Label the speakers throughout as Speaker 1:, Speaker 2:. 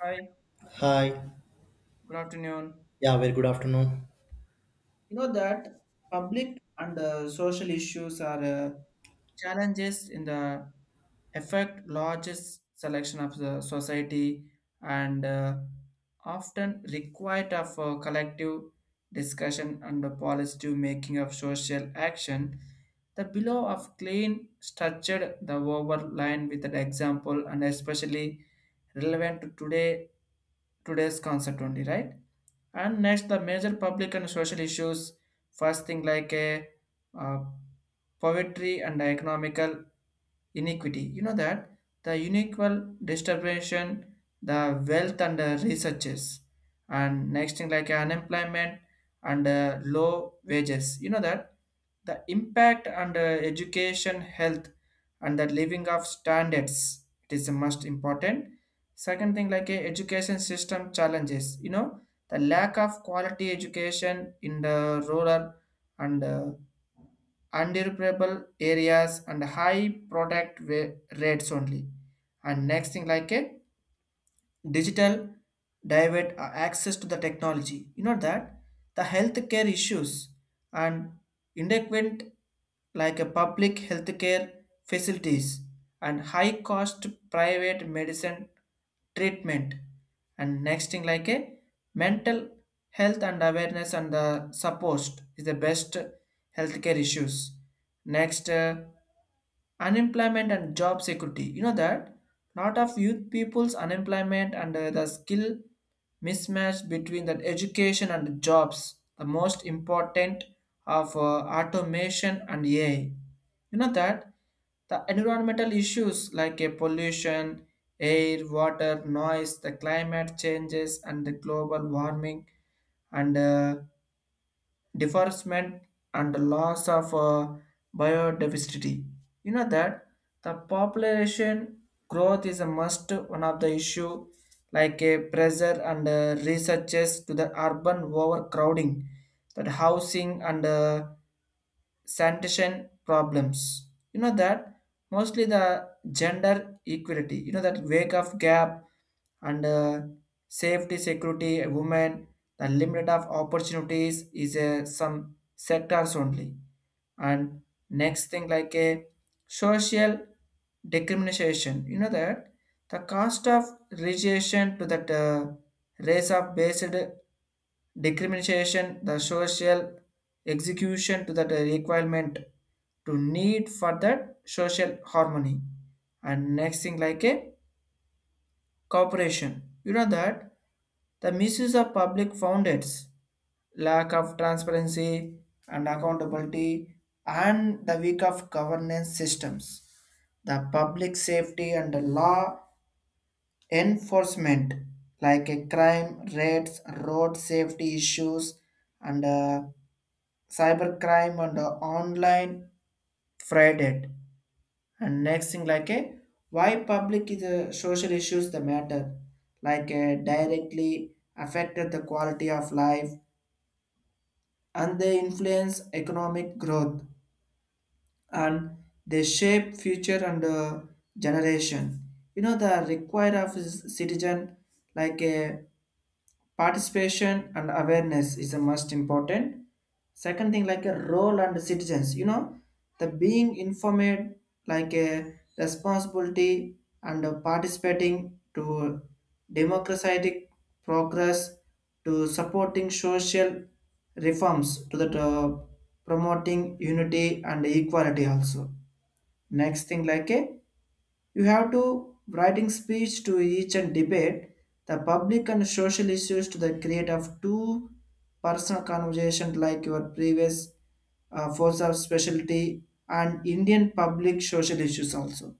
Speaker 1: Hi,
Speaker 2: Hi.
Speaker 1: good afternoon.
Speaker 2: Yeah, very good afternoon.
Speaker 1: You know that public and social issues are challenges in the affect largest selection of the society and often required of a collective discussion and the positive making of social action. The below of clean structured the overline with an example and especially relevant to today's concept only, right? And next, the major public and social issues. First thing like a uh, poverty and economical iniquity. You know that the unequal distribution, the wealth and the researches, and next thing like unemployment and low wages. You know that the impact and education, health, and the living of standards. It is the most important. Second thing like education system challenges. You know the lack of quality education in the rural and undesirable areas and high rates only. And next thing like a digital divert access to the technology. You know that the healthcare issues and inadequate like a public healthcare facilities and high cost private medicine treatment, and next thing like a mental health and awareness and the support is the best healthcare issues. Next, unemployment and job security. You know that lot of youth people's unemployment and the skill mismatch between the education and the jobs, the most important of automation and ai. You know that the environmental issues like a pollution, air, water, noise, the climate changes and the global warming and deforestment and the loss of biodiversity. You know that the population growth is a must one of the issue, like a pressure and researches to the urban overcrowding, that housing and sanitation problems. You know that mostly the gender equality, you know that wake of gap and safety, security, women, the limit of opportunities is some sectors only. And next thing like a social discrimination. You know that the cost of relation to that race of based discrimination, the social execution to that requirement to need for that social harmony. And next thing like a cooperation. You know that the misuse of public founds, lack of transparency and accountability, and the weak of governance systems, the public safety and law enforcement like a crime rates, road safety issues and cybercrime and online frauded. And next thing like a why public is a social issues the matter, like directly affected the quality of life, and they influence economic growth and they shape future and generation. You know the require of citizen like a participation and awareness is the most important. Second thing like a role and citizens. You know the being informed like a responsibility and participating to democratic progress, to supporting social reforms, to the promoting unity and equality also. Next thing like a you have to writing speech to each and debate the public and social issues to the create of two personal conversation like your previous force of specialty and Indian public social issues also.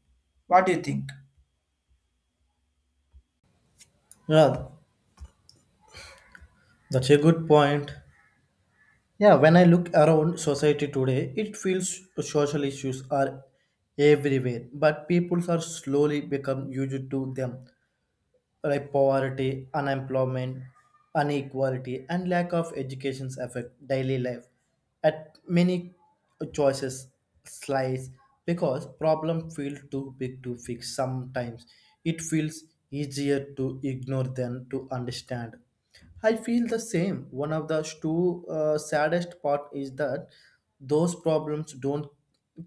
Speaker 1: What do you think?
Speaker 2: Yeah, that's a good point. Yeah, when I look around society today, it feels social issues are everywhere, but people are slowly become used to them. Like poverty, unemployment, inequality, and lack of education affect daily life at many choices slice because problem feel too big to fix sometimes it feels easier to ignore than to understand. I feel the same. One of the two saddest part is that those problems don't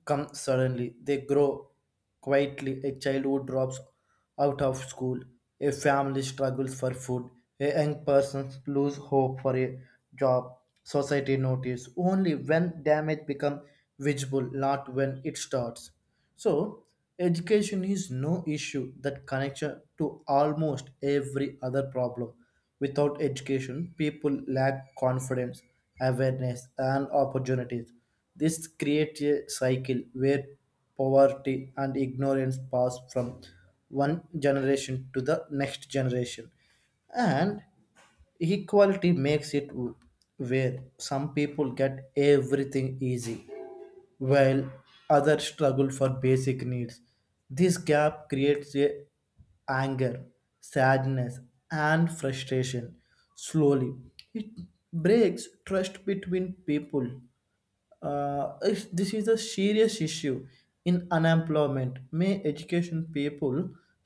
Speaker 2: come suddenly. They grow quietly. A child who drops out of school, a family struggles for food, a young person lose hope for a job. Society notice only when damage become visible, not when it starts. So, education is no issue that connects to almost every other problem. Without education, people lack confidence, awareness, and opportunities. This creates a cycle where poverty and ignorance pass from one generation to the next generation, and equality makes it where some people get everything easy while others struggle for basic needs. This gap creates a anger, sadness, and frustration. Slowly, it breaks trust between people. This is a serious issue in unemployment. May education people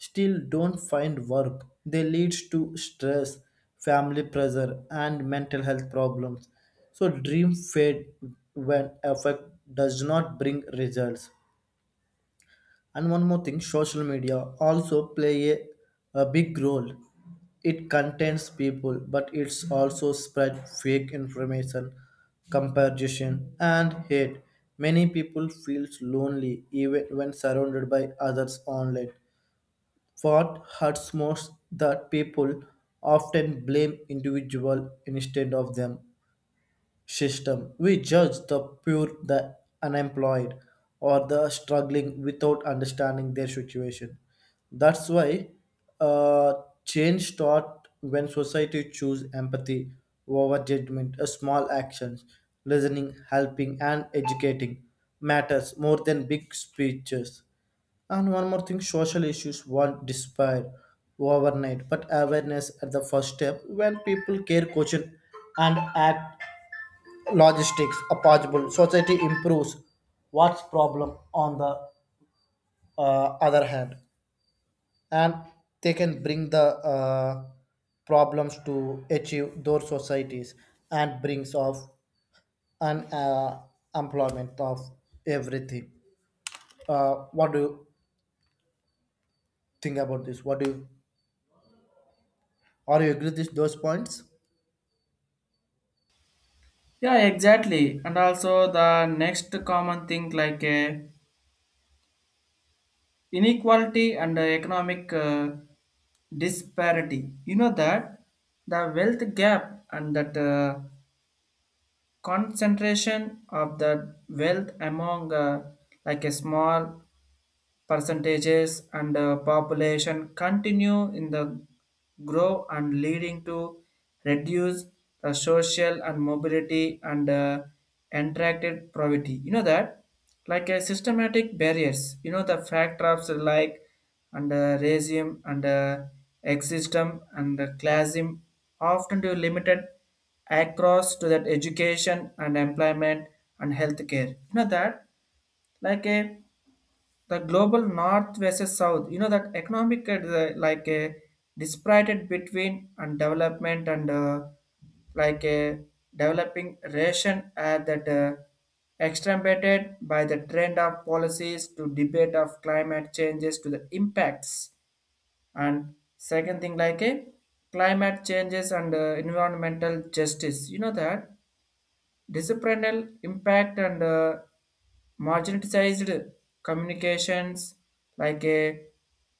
Speaker 2: still don't find work. They leads to stress, family pressure, and mental health problems. So dream fade when effect does not bring results. And one more thing, social media also play a big role. It contains people, but it's also spread fake information, comparison, and hate. Many people feels lonely even when surrounded by others online. What hurts most that people often blame individual instead of them system. We judge the poor, the unemployed, or the struggling without understanding their situation. That's why uh, change starts when society choose empathy over judgment. A small actions, listening, helping, and educating matters more than big speeches. And one more thing, social issues won't disappear overnight, but awareness at the first step when people care, question, and act logistics are possible society improves what's problem on the other hand and they can bring the uh, problems to achieve those societies and brings of an employment of everything. What do you think about this? What do you, are you agree with those points?
Speaker 1: Yeah, exactly. And also the next common thing like inequality and economic disparity. You know that the wealth gap and that concentration of the wealth among like a small percentages and population continue in the grow and leading to reduce the social and mobility and interacted poverty. You know that like a systematic barriers, you know the factors like and racism and existence and classism often to limited across to that education and employment and healthcare. You know that like a the global north versus south, you know that economic like a disparate between and development and like a developing ration that exacerbated by the trend of policies to debate of climate changes to the impacts. And second thing like a climate changes and environmental justice. You know that disciplinary impact and marginalized communications like a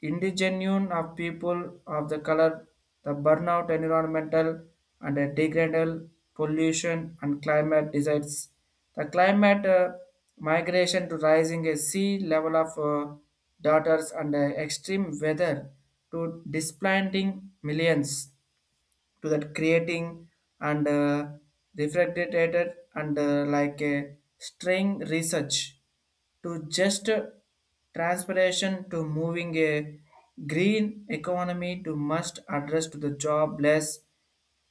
Speaker 1: indigenous of people of the color, the burnout environmental and a degradal pollution and climate deserts. The climate migration to rising a sea level of daughters and extreme weather to displacing millions to that creating and refrigerated and like a string research to just transpiration to moving a green economy to must address to the jobless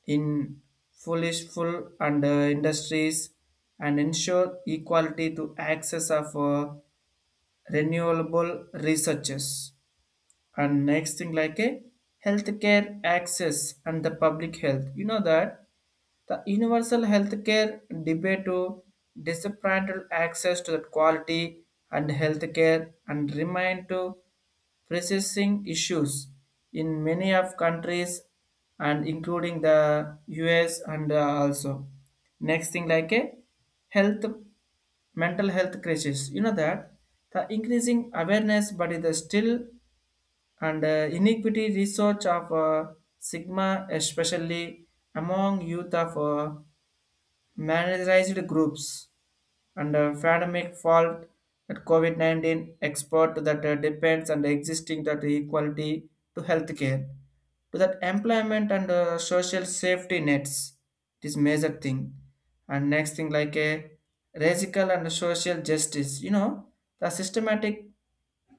Speaker 1: in foolish full and industries, and ensure equality to access of renewable researches. And next thing like a healthcare access and the public health. You know that the universal healthcare debate to disappointed access to the quality and healthcare and remain to pressing issues in many of countries and including the US and also, next thing like a health mental health crisis. You know that the increasing awareness, but it is still and inequity research of sigma especially among youth of marginalized groups, and a pandemic fault that COVID 19 export that depends on the existing that equality to healthcare, to that employment and social safety nets. It is major thing. And next thing like a racial and social justice, you know, the systematic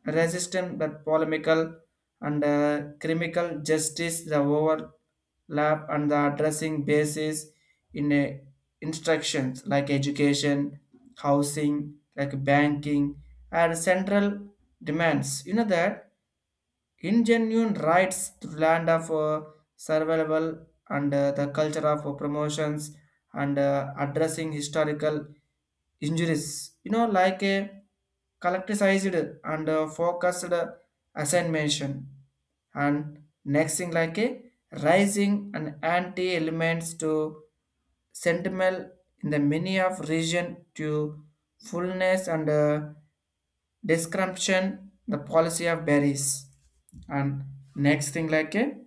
Speaker 1: resistant but polemical and critical justice, the overlap and the addressing basis in a instructions like education, housing, like banking and central demands. You know that ingenuine rights to land of survival and the culture of promotions and addressing historical injuries. You know, like a collectivized and focused assignment. And next thing like a rising and anti elements to sentimental in the many of region to fullness and description the policy of berries. And next thing like a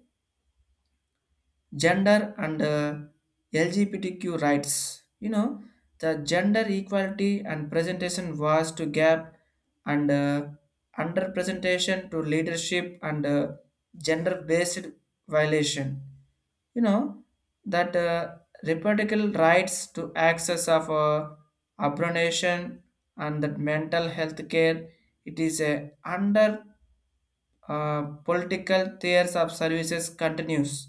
Speaker 1: gender and LGBTQ rights. You know, the gender equality and presentation was to gap and underrepresentation to leadership and gender-based violation. You know that reproductive rights to access of abortion and that mental health care, it is a under political tiers of services continues.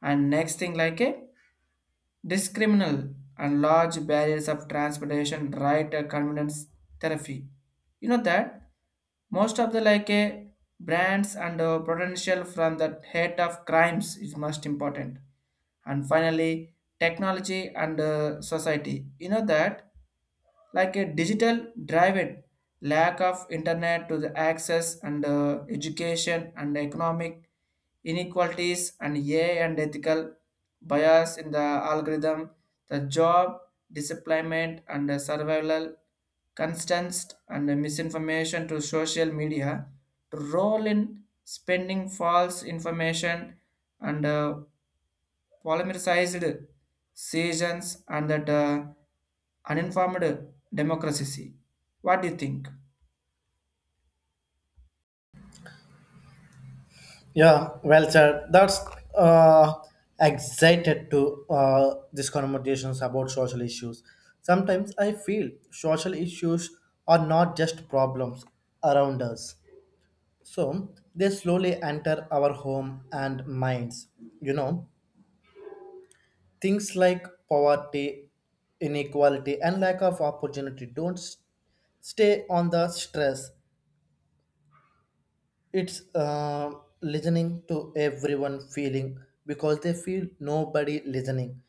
Speaker 1: And next thing like a discriminal and large barriers of transportation right convenience therapy. You know that most of the like a brands and potential from the hate of crimes is most important. And finally, technology and society. You know that like a digital driven lack of internet to the access and education and economic inequalities, and AI and ethical bias in the algorithm, the job disemployment and the survival constants, and the misinformation to social media to roll in spending false information and polymerized sessions and that uninformed democracy. What do you think?
Speaker 2: Yeah, well sir, that's uh, excited to these conversations about social issues. Sometimes I feel social issues are not just problems around us. So they slowly enter our home and minds. You know, things like poverty, inequality, and lack of opportunity don't s- stay on the stress. It's listening to everyone feeling because they feel nobody listening.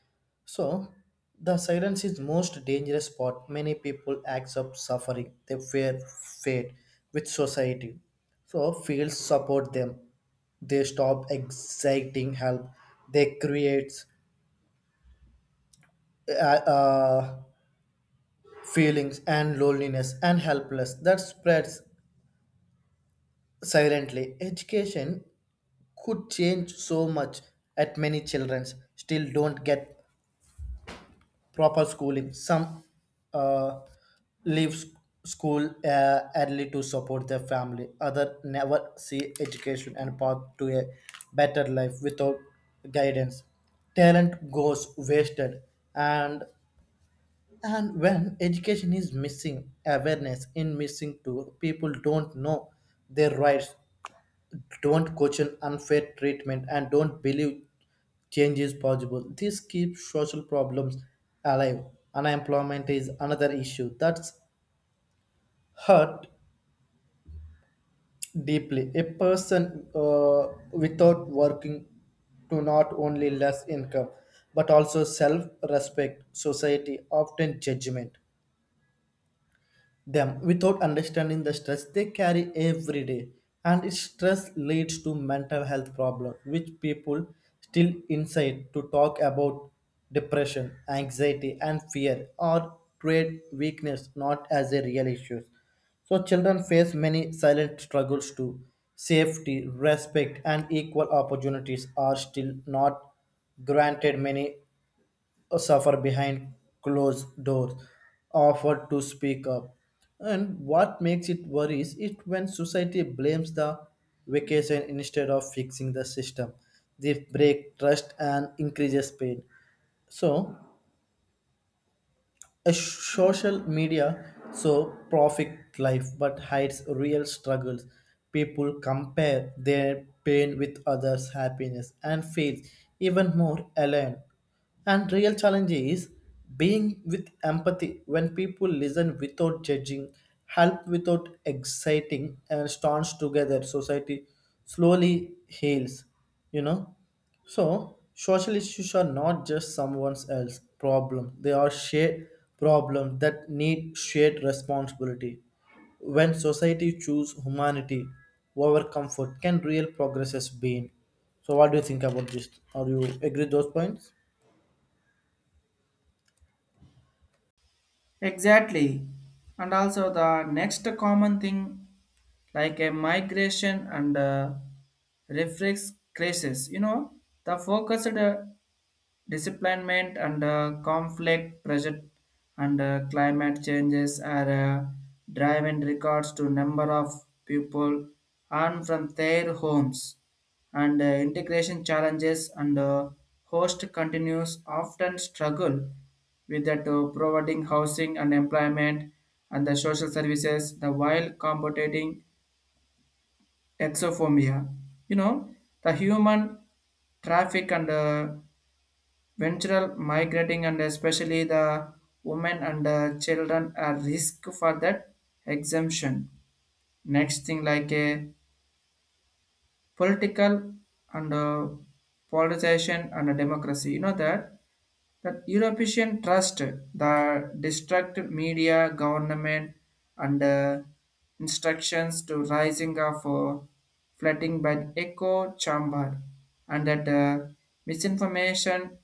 Speaker 2: So, the silence is most dangerous part. Many people accept suffering, they fear fate with society. So, fields support them. They stop exciting help. They create uh, uh, feelings and loneliness and helpless that spreads silently. Education could change so much at many children still don't get proper schooling. Some uh, leave s- school early to support their family. Other never see education and path to a better life without guidance. Talent goes wasted, and and when education is missing awareness in missing too, people don't know their rights, don't question unfair treatment, and don't believe change is possible. This keeps social problems alive. Unemployment is another issue that's hurt deeply. A person without working to not only less income but also self respect, society, often judgment them without understanding the stress they carry every day, and its stress leads to mental health problems, which people still inside to talk about. Depression, anxiety, and fear are great weakness, not as a real issue. So children face many silent struggles too. Safety, respect, and equal opportunities are still not granted. Many suffer behind closed doors, offered to speak up. And what makes it worse is when society blames the vacation instead of fixing the system. They break trust and increases pain. So a social media so perfect life but hides real struggles. People compare their pain with others' happiness and feel even more alone. And real challenge is being with empathy. When people listen without judging, help without exciting, and stands together, society slowly heals. You know. So, social issues are not just someone else's problem, they are shared problems that need shared responsibility. When society choose humanity over comfort, can real progress has been? So, what do you think about this? Are you agree those points?
Speaker 1: Exactly. And also the next common thing like a migration and reflex crisis. You know, the focused disciplinement and conflict pressure and climate changes are driving records to number of people and from their homes and integration challenges, and host continues often struggle with that providing housing and employment and the social services, the while combating exophobia. You know the human traffic and ventural migrating, and especially the women and children are risk for that exemption. Next thing like a political and politicization and a democracy. You know that that European trust the destructive media, government and instructions to rising of flooding by echo chamber and that misinformation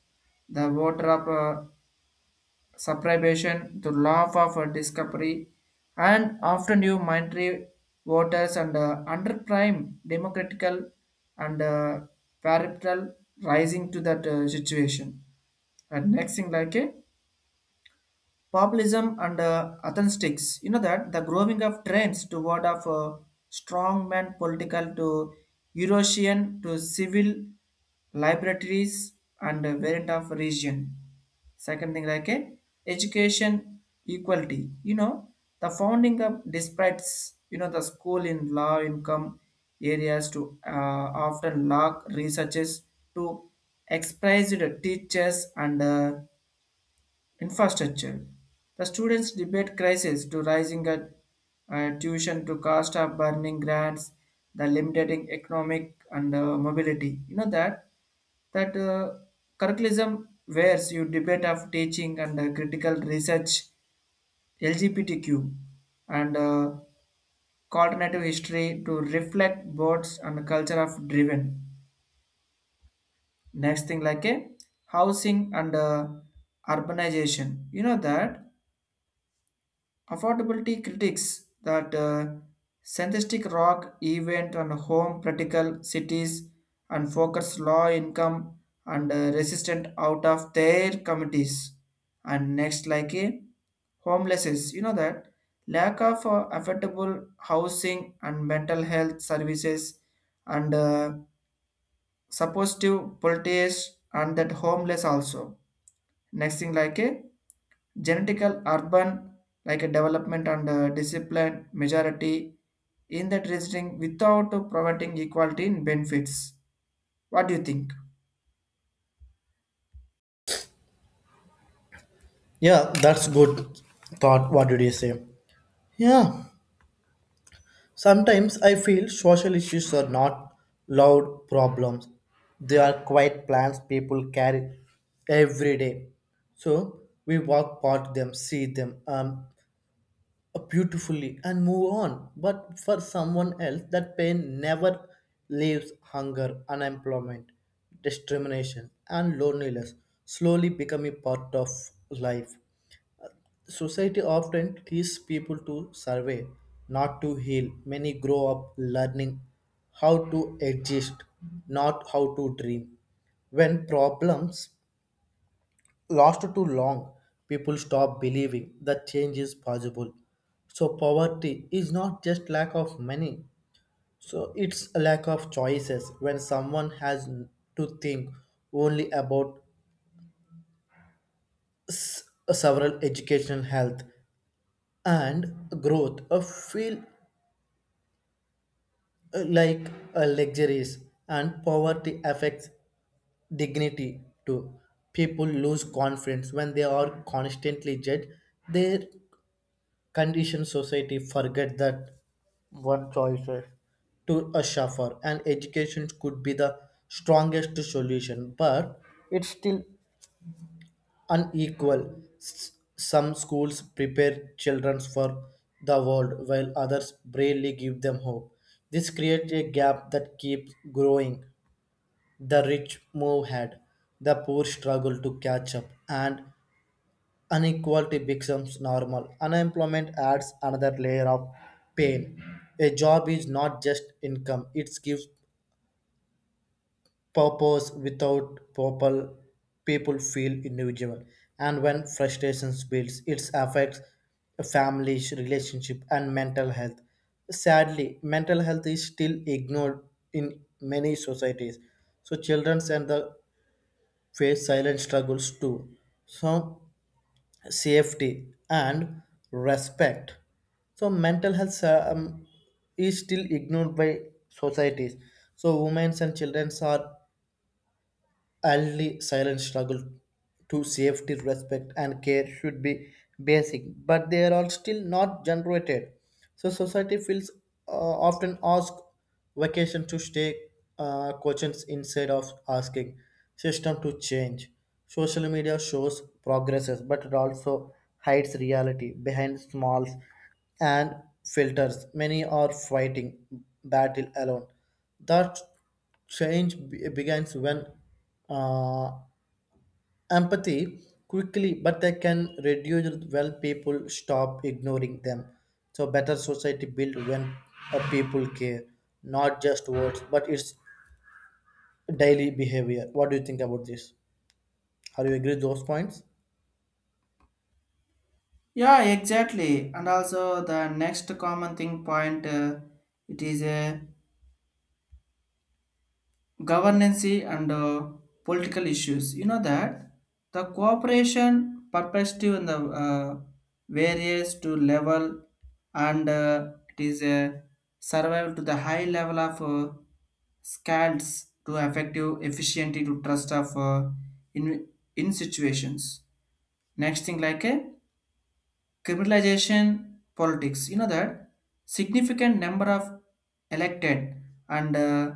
Speaker 1: the water of uh, suppression to law of discovery and often new minority voters and under prime democratical and peripheral rising to that situation. And next thing like a populism and atheistics. You know that the growing of trends toward of strongman political to eurasian to civil libraries and variant of region. Second thing like a education equality. You know the founding of despite, you know the school in low income areas to often lack researches to expressed teachers and infrastructure. The students debate crisis to rising at tuition to cost of burning grants, the limiting economic and mobility. You know that that curriculum wears you debate of teaching and critical research, LGBTQ, and alternative history to reflect boards and culture of driven. Next thing like a housing and urbanization. You know that affordability critics that synthetic rock event and home practical cities and focus low income and resistant out of their communities. And next, like a homelesses, you know that lack of affordable housing and mental health services and supposed to politics and that homeless also. Next thing like a genetical urban like a development and discipline majority in that reasoning without providing equality in benefits. What do you think?
Speaker 2: Yeah, that's good thought. What did you say? Yeah. Sometimes I feel social issues are not loud problems. They are quiet plans people carry every day. So we walk past them, see them beautifully, and move on. But for someone else, that pain never leaves hunger, unemployment, discrimination, and loneliness slowly become a part of life. Society often teaches people to survive, not to heal. Many grow up learning how to exist, not how to dream. When problems last too long, people stop believing that change is possible. So poverty is not just lack of money. So it's a lack of choices when someone has to think only about s- several educational health and growth. A feel like luxuries and poverty affects dignity too. People lose confidence when they are constantly judged their conditioned. Society forget that one choices to a suffer, and education could be the strongest solution, but it's still unequal. Some schools prepare children for the world while others bravely give them hope. This creates a gap that keeps growing. The rich move ahead, the poor struggle to catch up, and inequality becomes normal. Unemployment adds another layer of pain. A job is not just income, it gives purpose. Without purple, people feel individual, and when frustrations builds it affects families relationship and mental health. Sadly, mental health is still ignored in many societies. So children and the face silent struggles too. So safety and respect, so mental health is still ignored by societies. So women and children are early silent struggle to safety, respect, and care should be basic, but they are still not generated. So society feels often ask vacation to stay questions instead of asking system to change. Social media shows progresses, but it also hides reality behind smalls and filters. Many are fighting battle alone. That change begins when uh, empathy quickly but they can reduce when people stop ignoring them. So better society build when people care, not just words but it's daily behavior. What do you think about this? Are you agree with those points?
Speaker 1: Yeah, exactly. And also the next common thing point, it is a governance and political issues. You know that the cooperation perspective in the various to level and it is a survival to the high level of scales to effective efficiency to trust of in in situations. Next thing like a criminalization politics. You know that significant number of elected and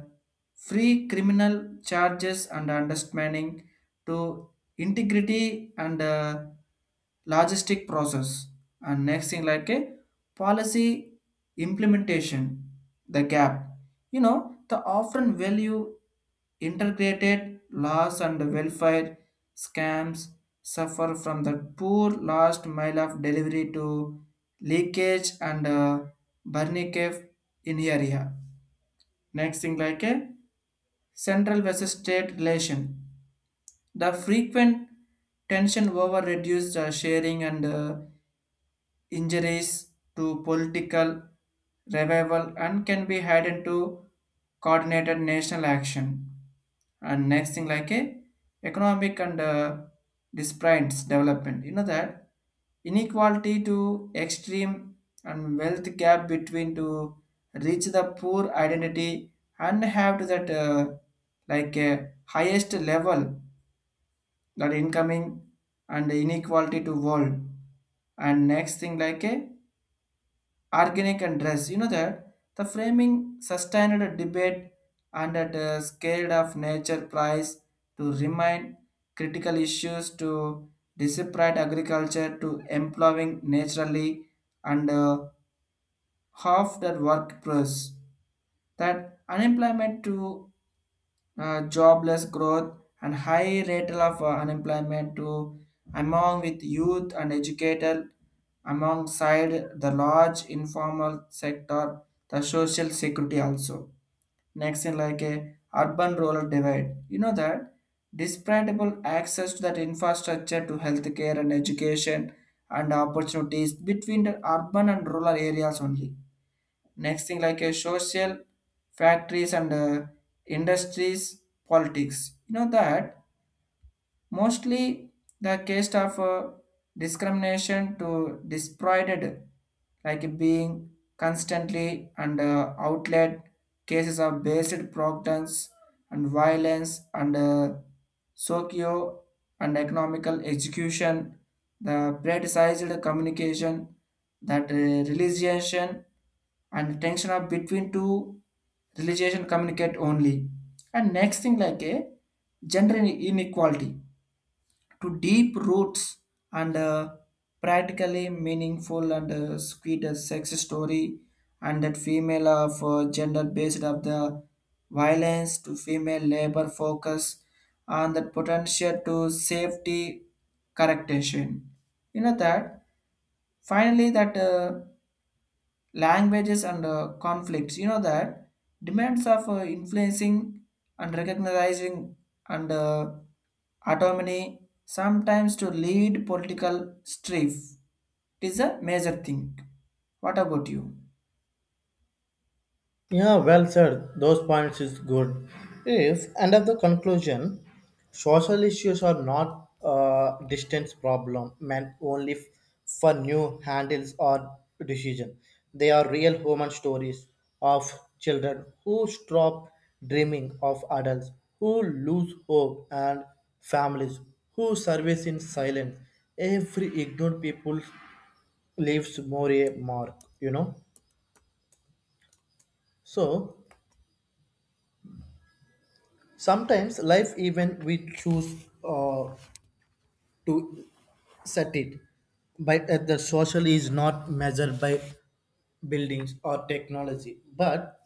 Speaker 1: free criminal charges and understanding to integrity and logistic process. And next thing like a policy implementation the gap. You know the often value integrated loss and welfare scams suffer from the poor last mile of delivery to leakage and burning cave in area. Next thing like a central versus state relation. The frequent tension over reduced sharing and injuries to political revival and can be added to coordinated national action. And next thing like a economic and disparities development. You know that inequality to extreme and wealth gap between to reach the poor identity and have to that like highest level that incoming and inequality to world. And next thing like a organic and dress. You know that the framing sustained a debate and at a scale of nature price to remind critical issues to desperate agriculture to employing naturally and half that workforce, that unemployment to jobless growth and high rate of unemployment to among with youth and educated alongside the large informal sector, the social security also. Next in like a urban rural divide. You know that disparable access to that infrastructure to healthcare and education and opportunities between the urban and rural areas only. Next thing like a social factories and industries politics. You know that mostly the case of discrimination to disprovided, like being constantly under outlet cases of based proctons and violence and socio and economical execution, the politicized communication, that realization and tension of between two religion communicate only. And next thing like a gender inequality to deep roots and practically meaningful and sweet sex story and that female of gender based of the violence to female labor focus on the potential to safety correction. You know that finally that languages and conflicts. You know that demands of influencing and recognizing and autonomy sometimes to lead political strife. It is a major thing. What about you?
Speaker 2: Yeah, well said. Those points is good. If end of the conclusion, social issues are not a distance problem meant only for new handles or decision. They are real human stories of children who stop dreaming, of adults who lose hope, and families who service in silence. Every ignored people leaves more a mark. You know, so. Sometimes life even we choose to set it, but the social is not measured by buildings or technology, but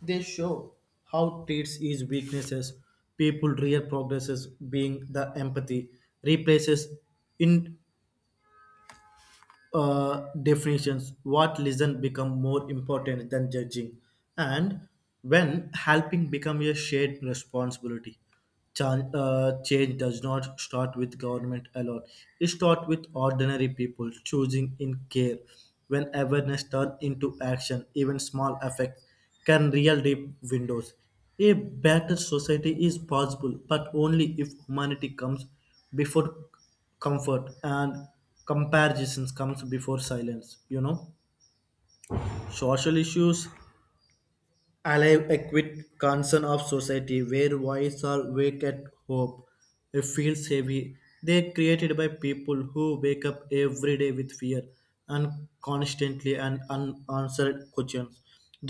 Speaker 2: they show how traits is weaknesses, people real progresses being the empathy replaces in definitions, what listen become more important than judging, and when helping become a shared responsibility. Change does not start with government alone. It starts with ordinary people choosing in care. When awareness turns into action, even small effects can real deep windows. A better society is possible, but only if humanity comes before comfort, and comparisons comes before silence. You know, social issues alive acute concern of society where voice are wake at hope. It feels heavy. They created by people who wake up every day with fear and constantly and unanswered questions.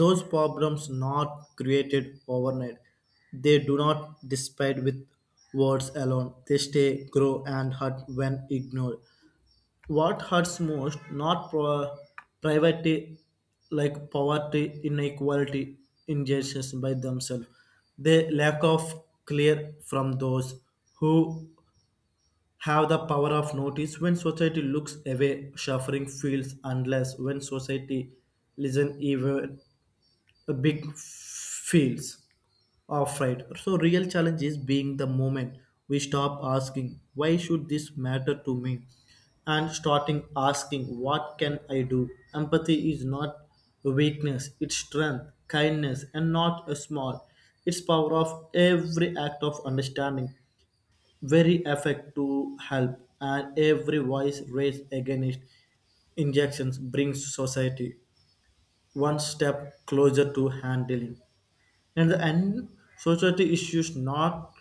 Speaker 2: Those problems not created overnight. They do not despite with words alone. They stay, grow, and hurt when ignored. What hurts most, not pro- private like poverty, inequality, injustice by themselves, the lack of clear from those who have the power of notice. When society looks away, suffering feels unless. When society listen, even a big feels. Off right. So real challenge is being the moment we stop asking why should this matter to me and starting asking what can I do. Empathy is not weakness, it's strength. Kindness and not a small, it's power. Of every act of understanding, very effect to help, and every voice raised against injections brings society one step closer to handling. And the end, society issues not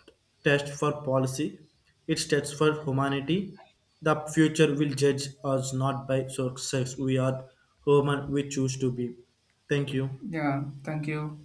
Speaker 2: test for policy, it tests for humanity. The future will judge us not by success. We are human, we choose to be. Thank you.
Speaker 1: Yeah, thank you.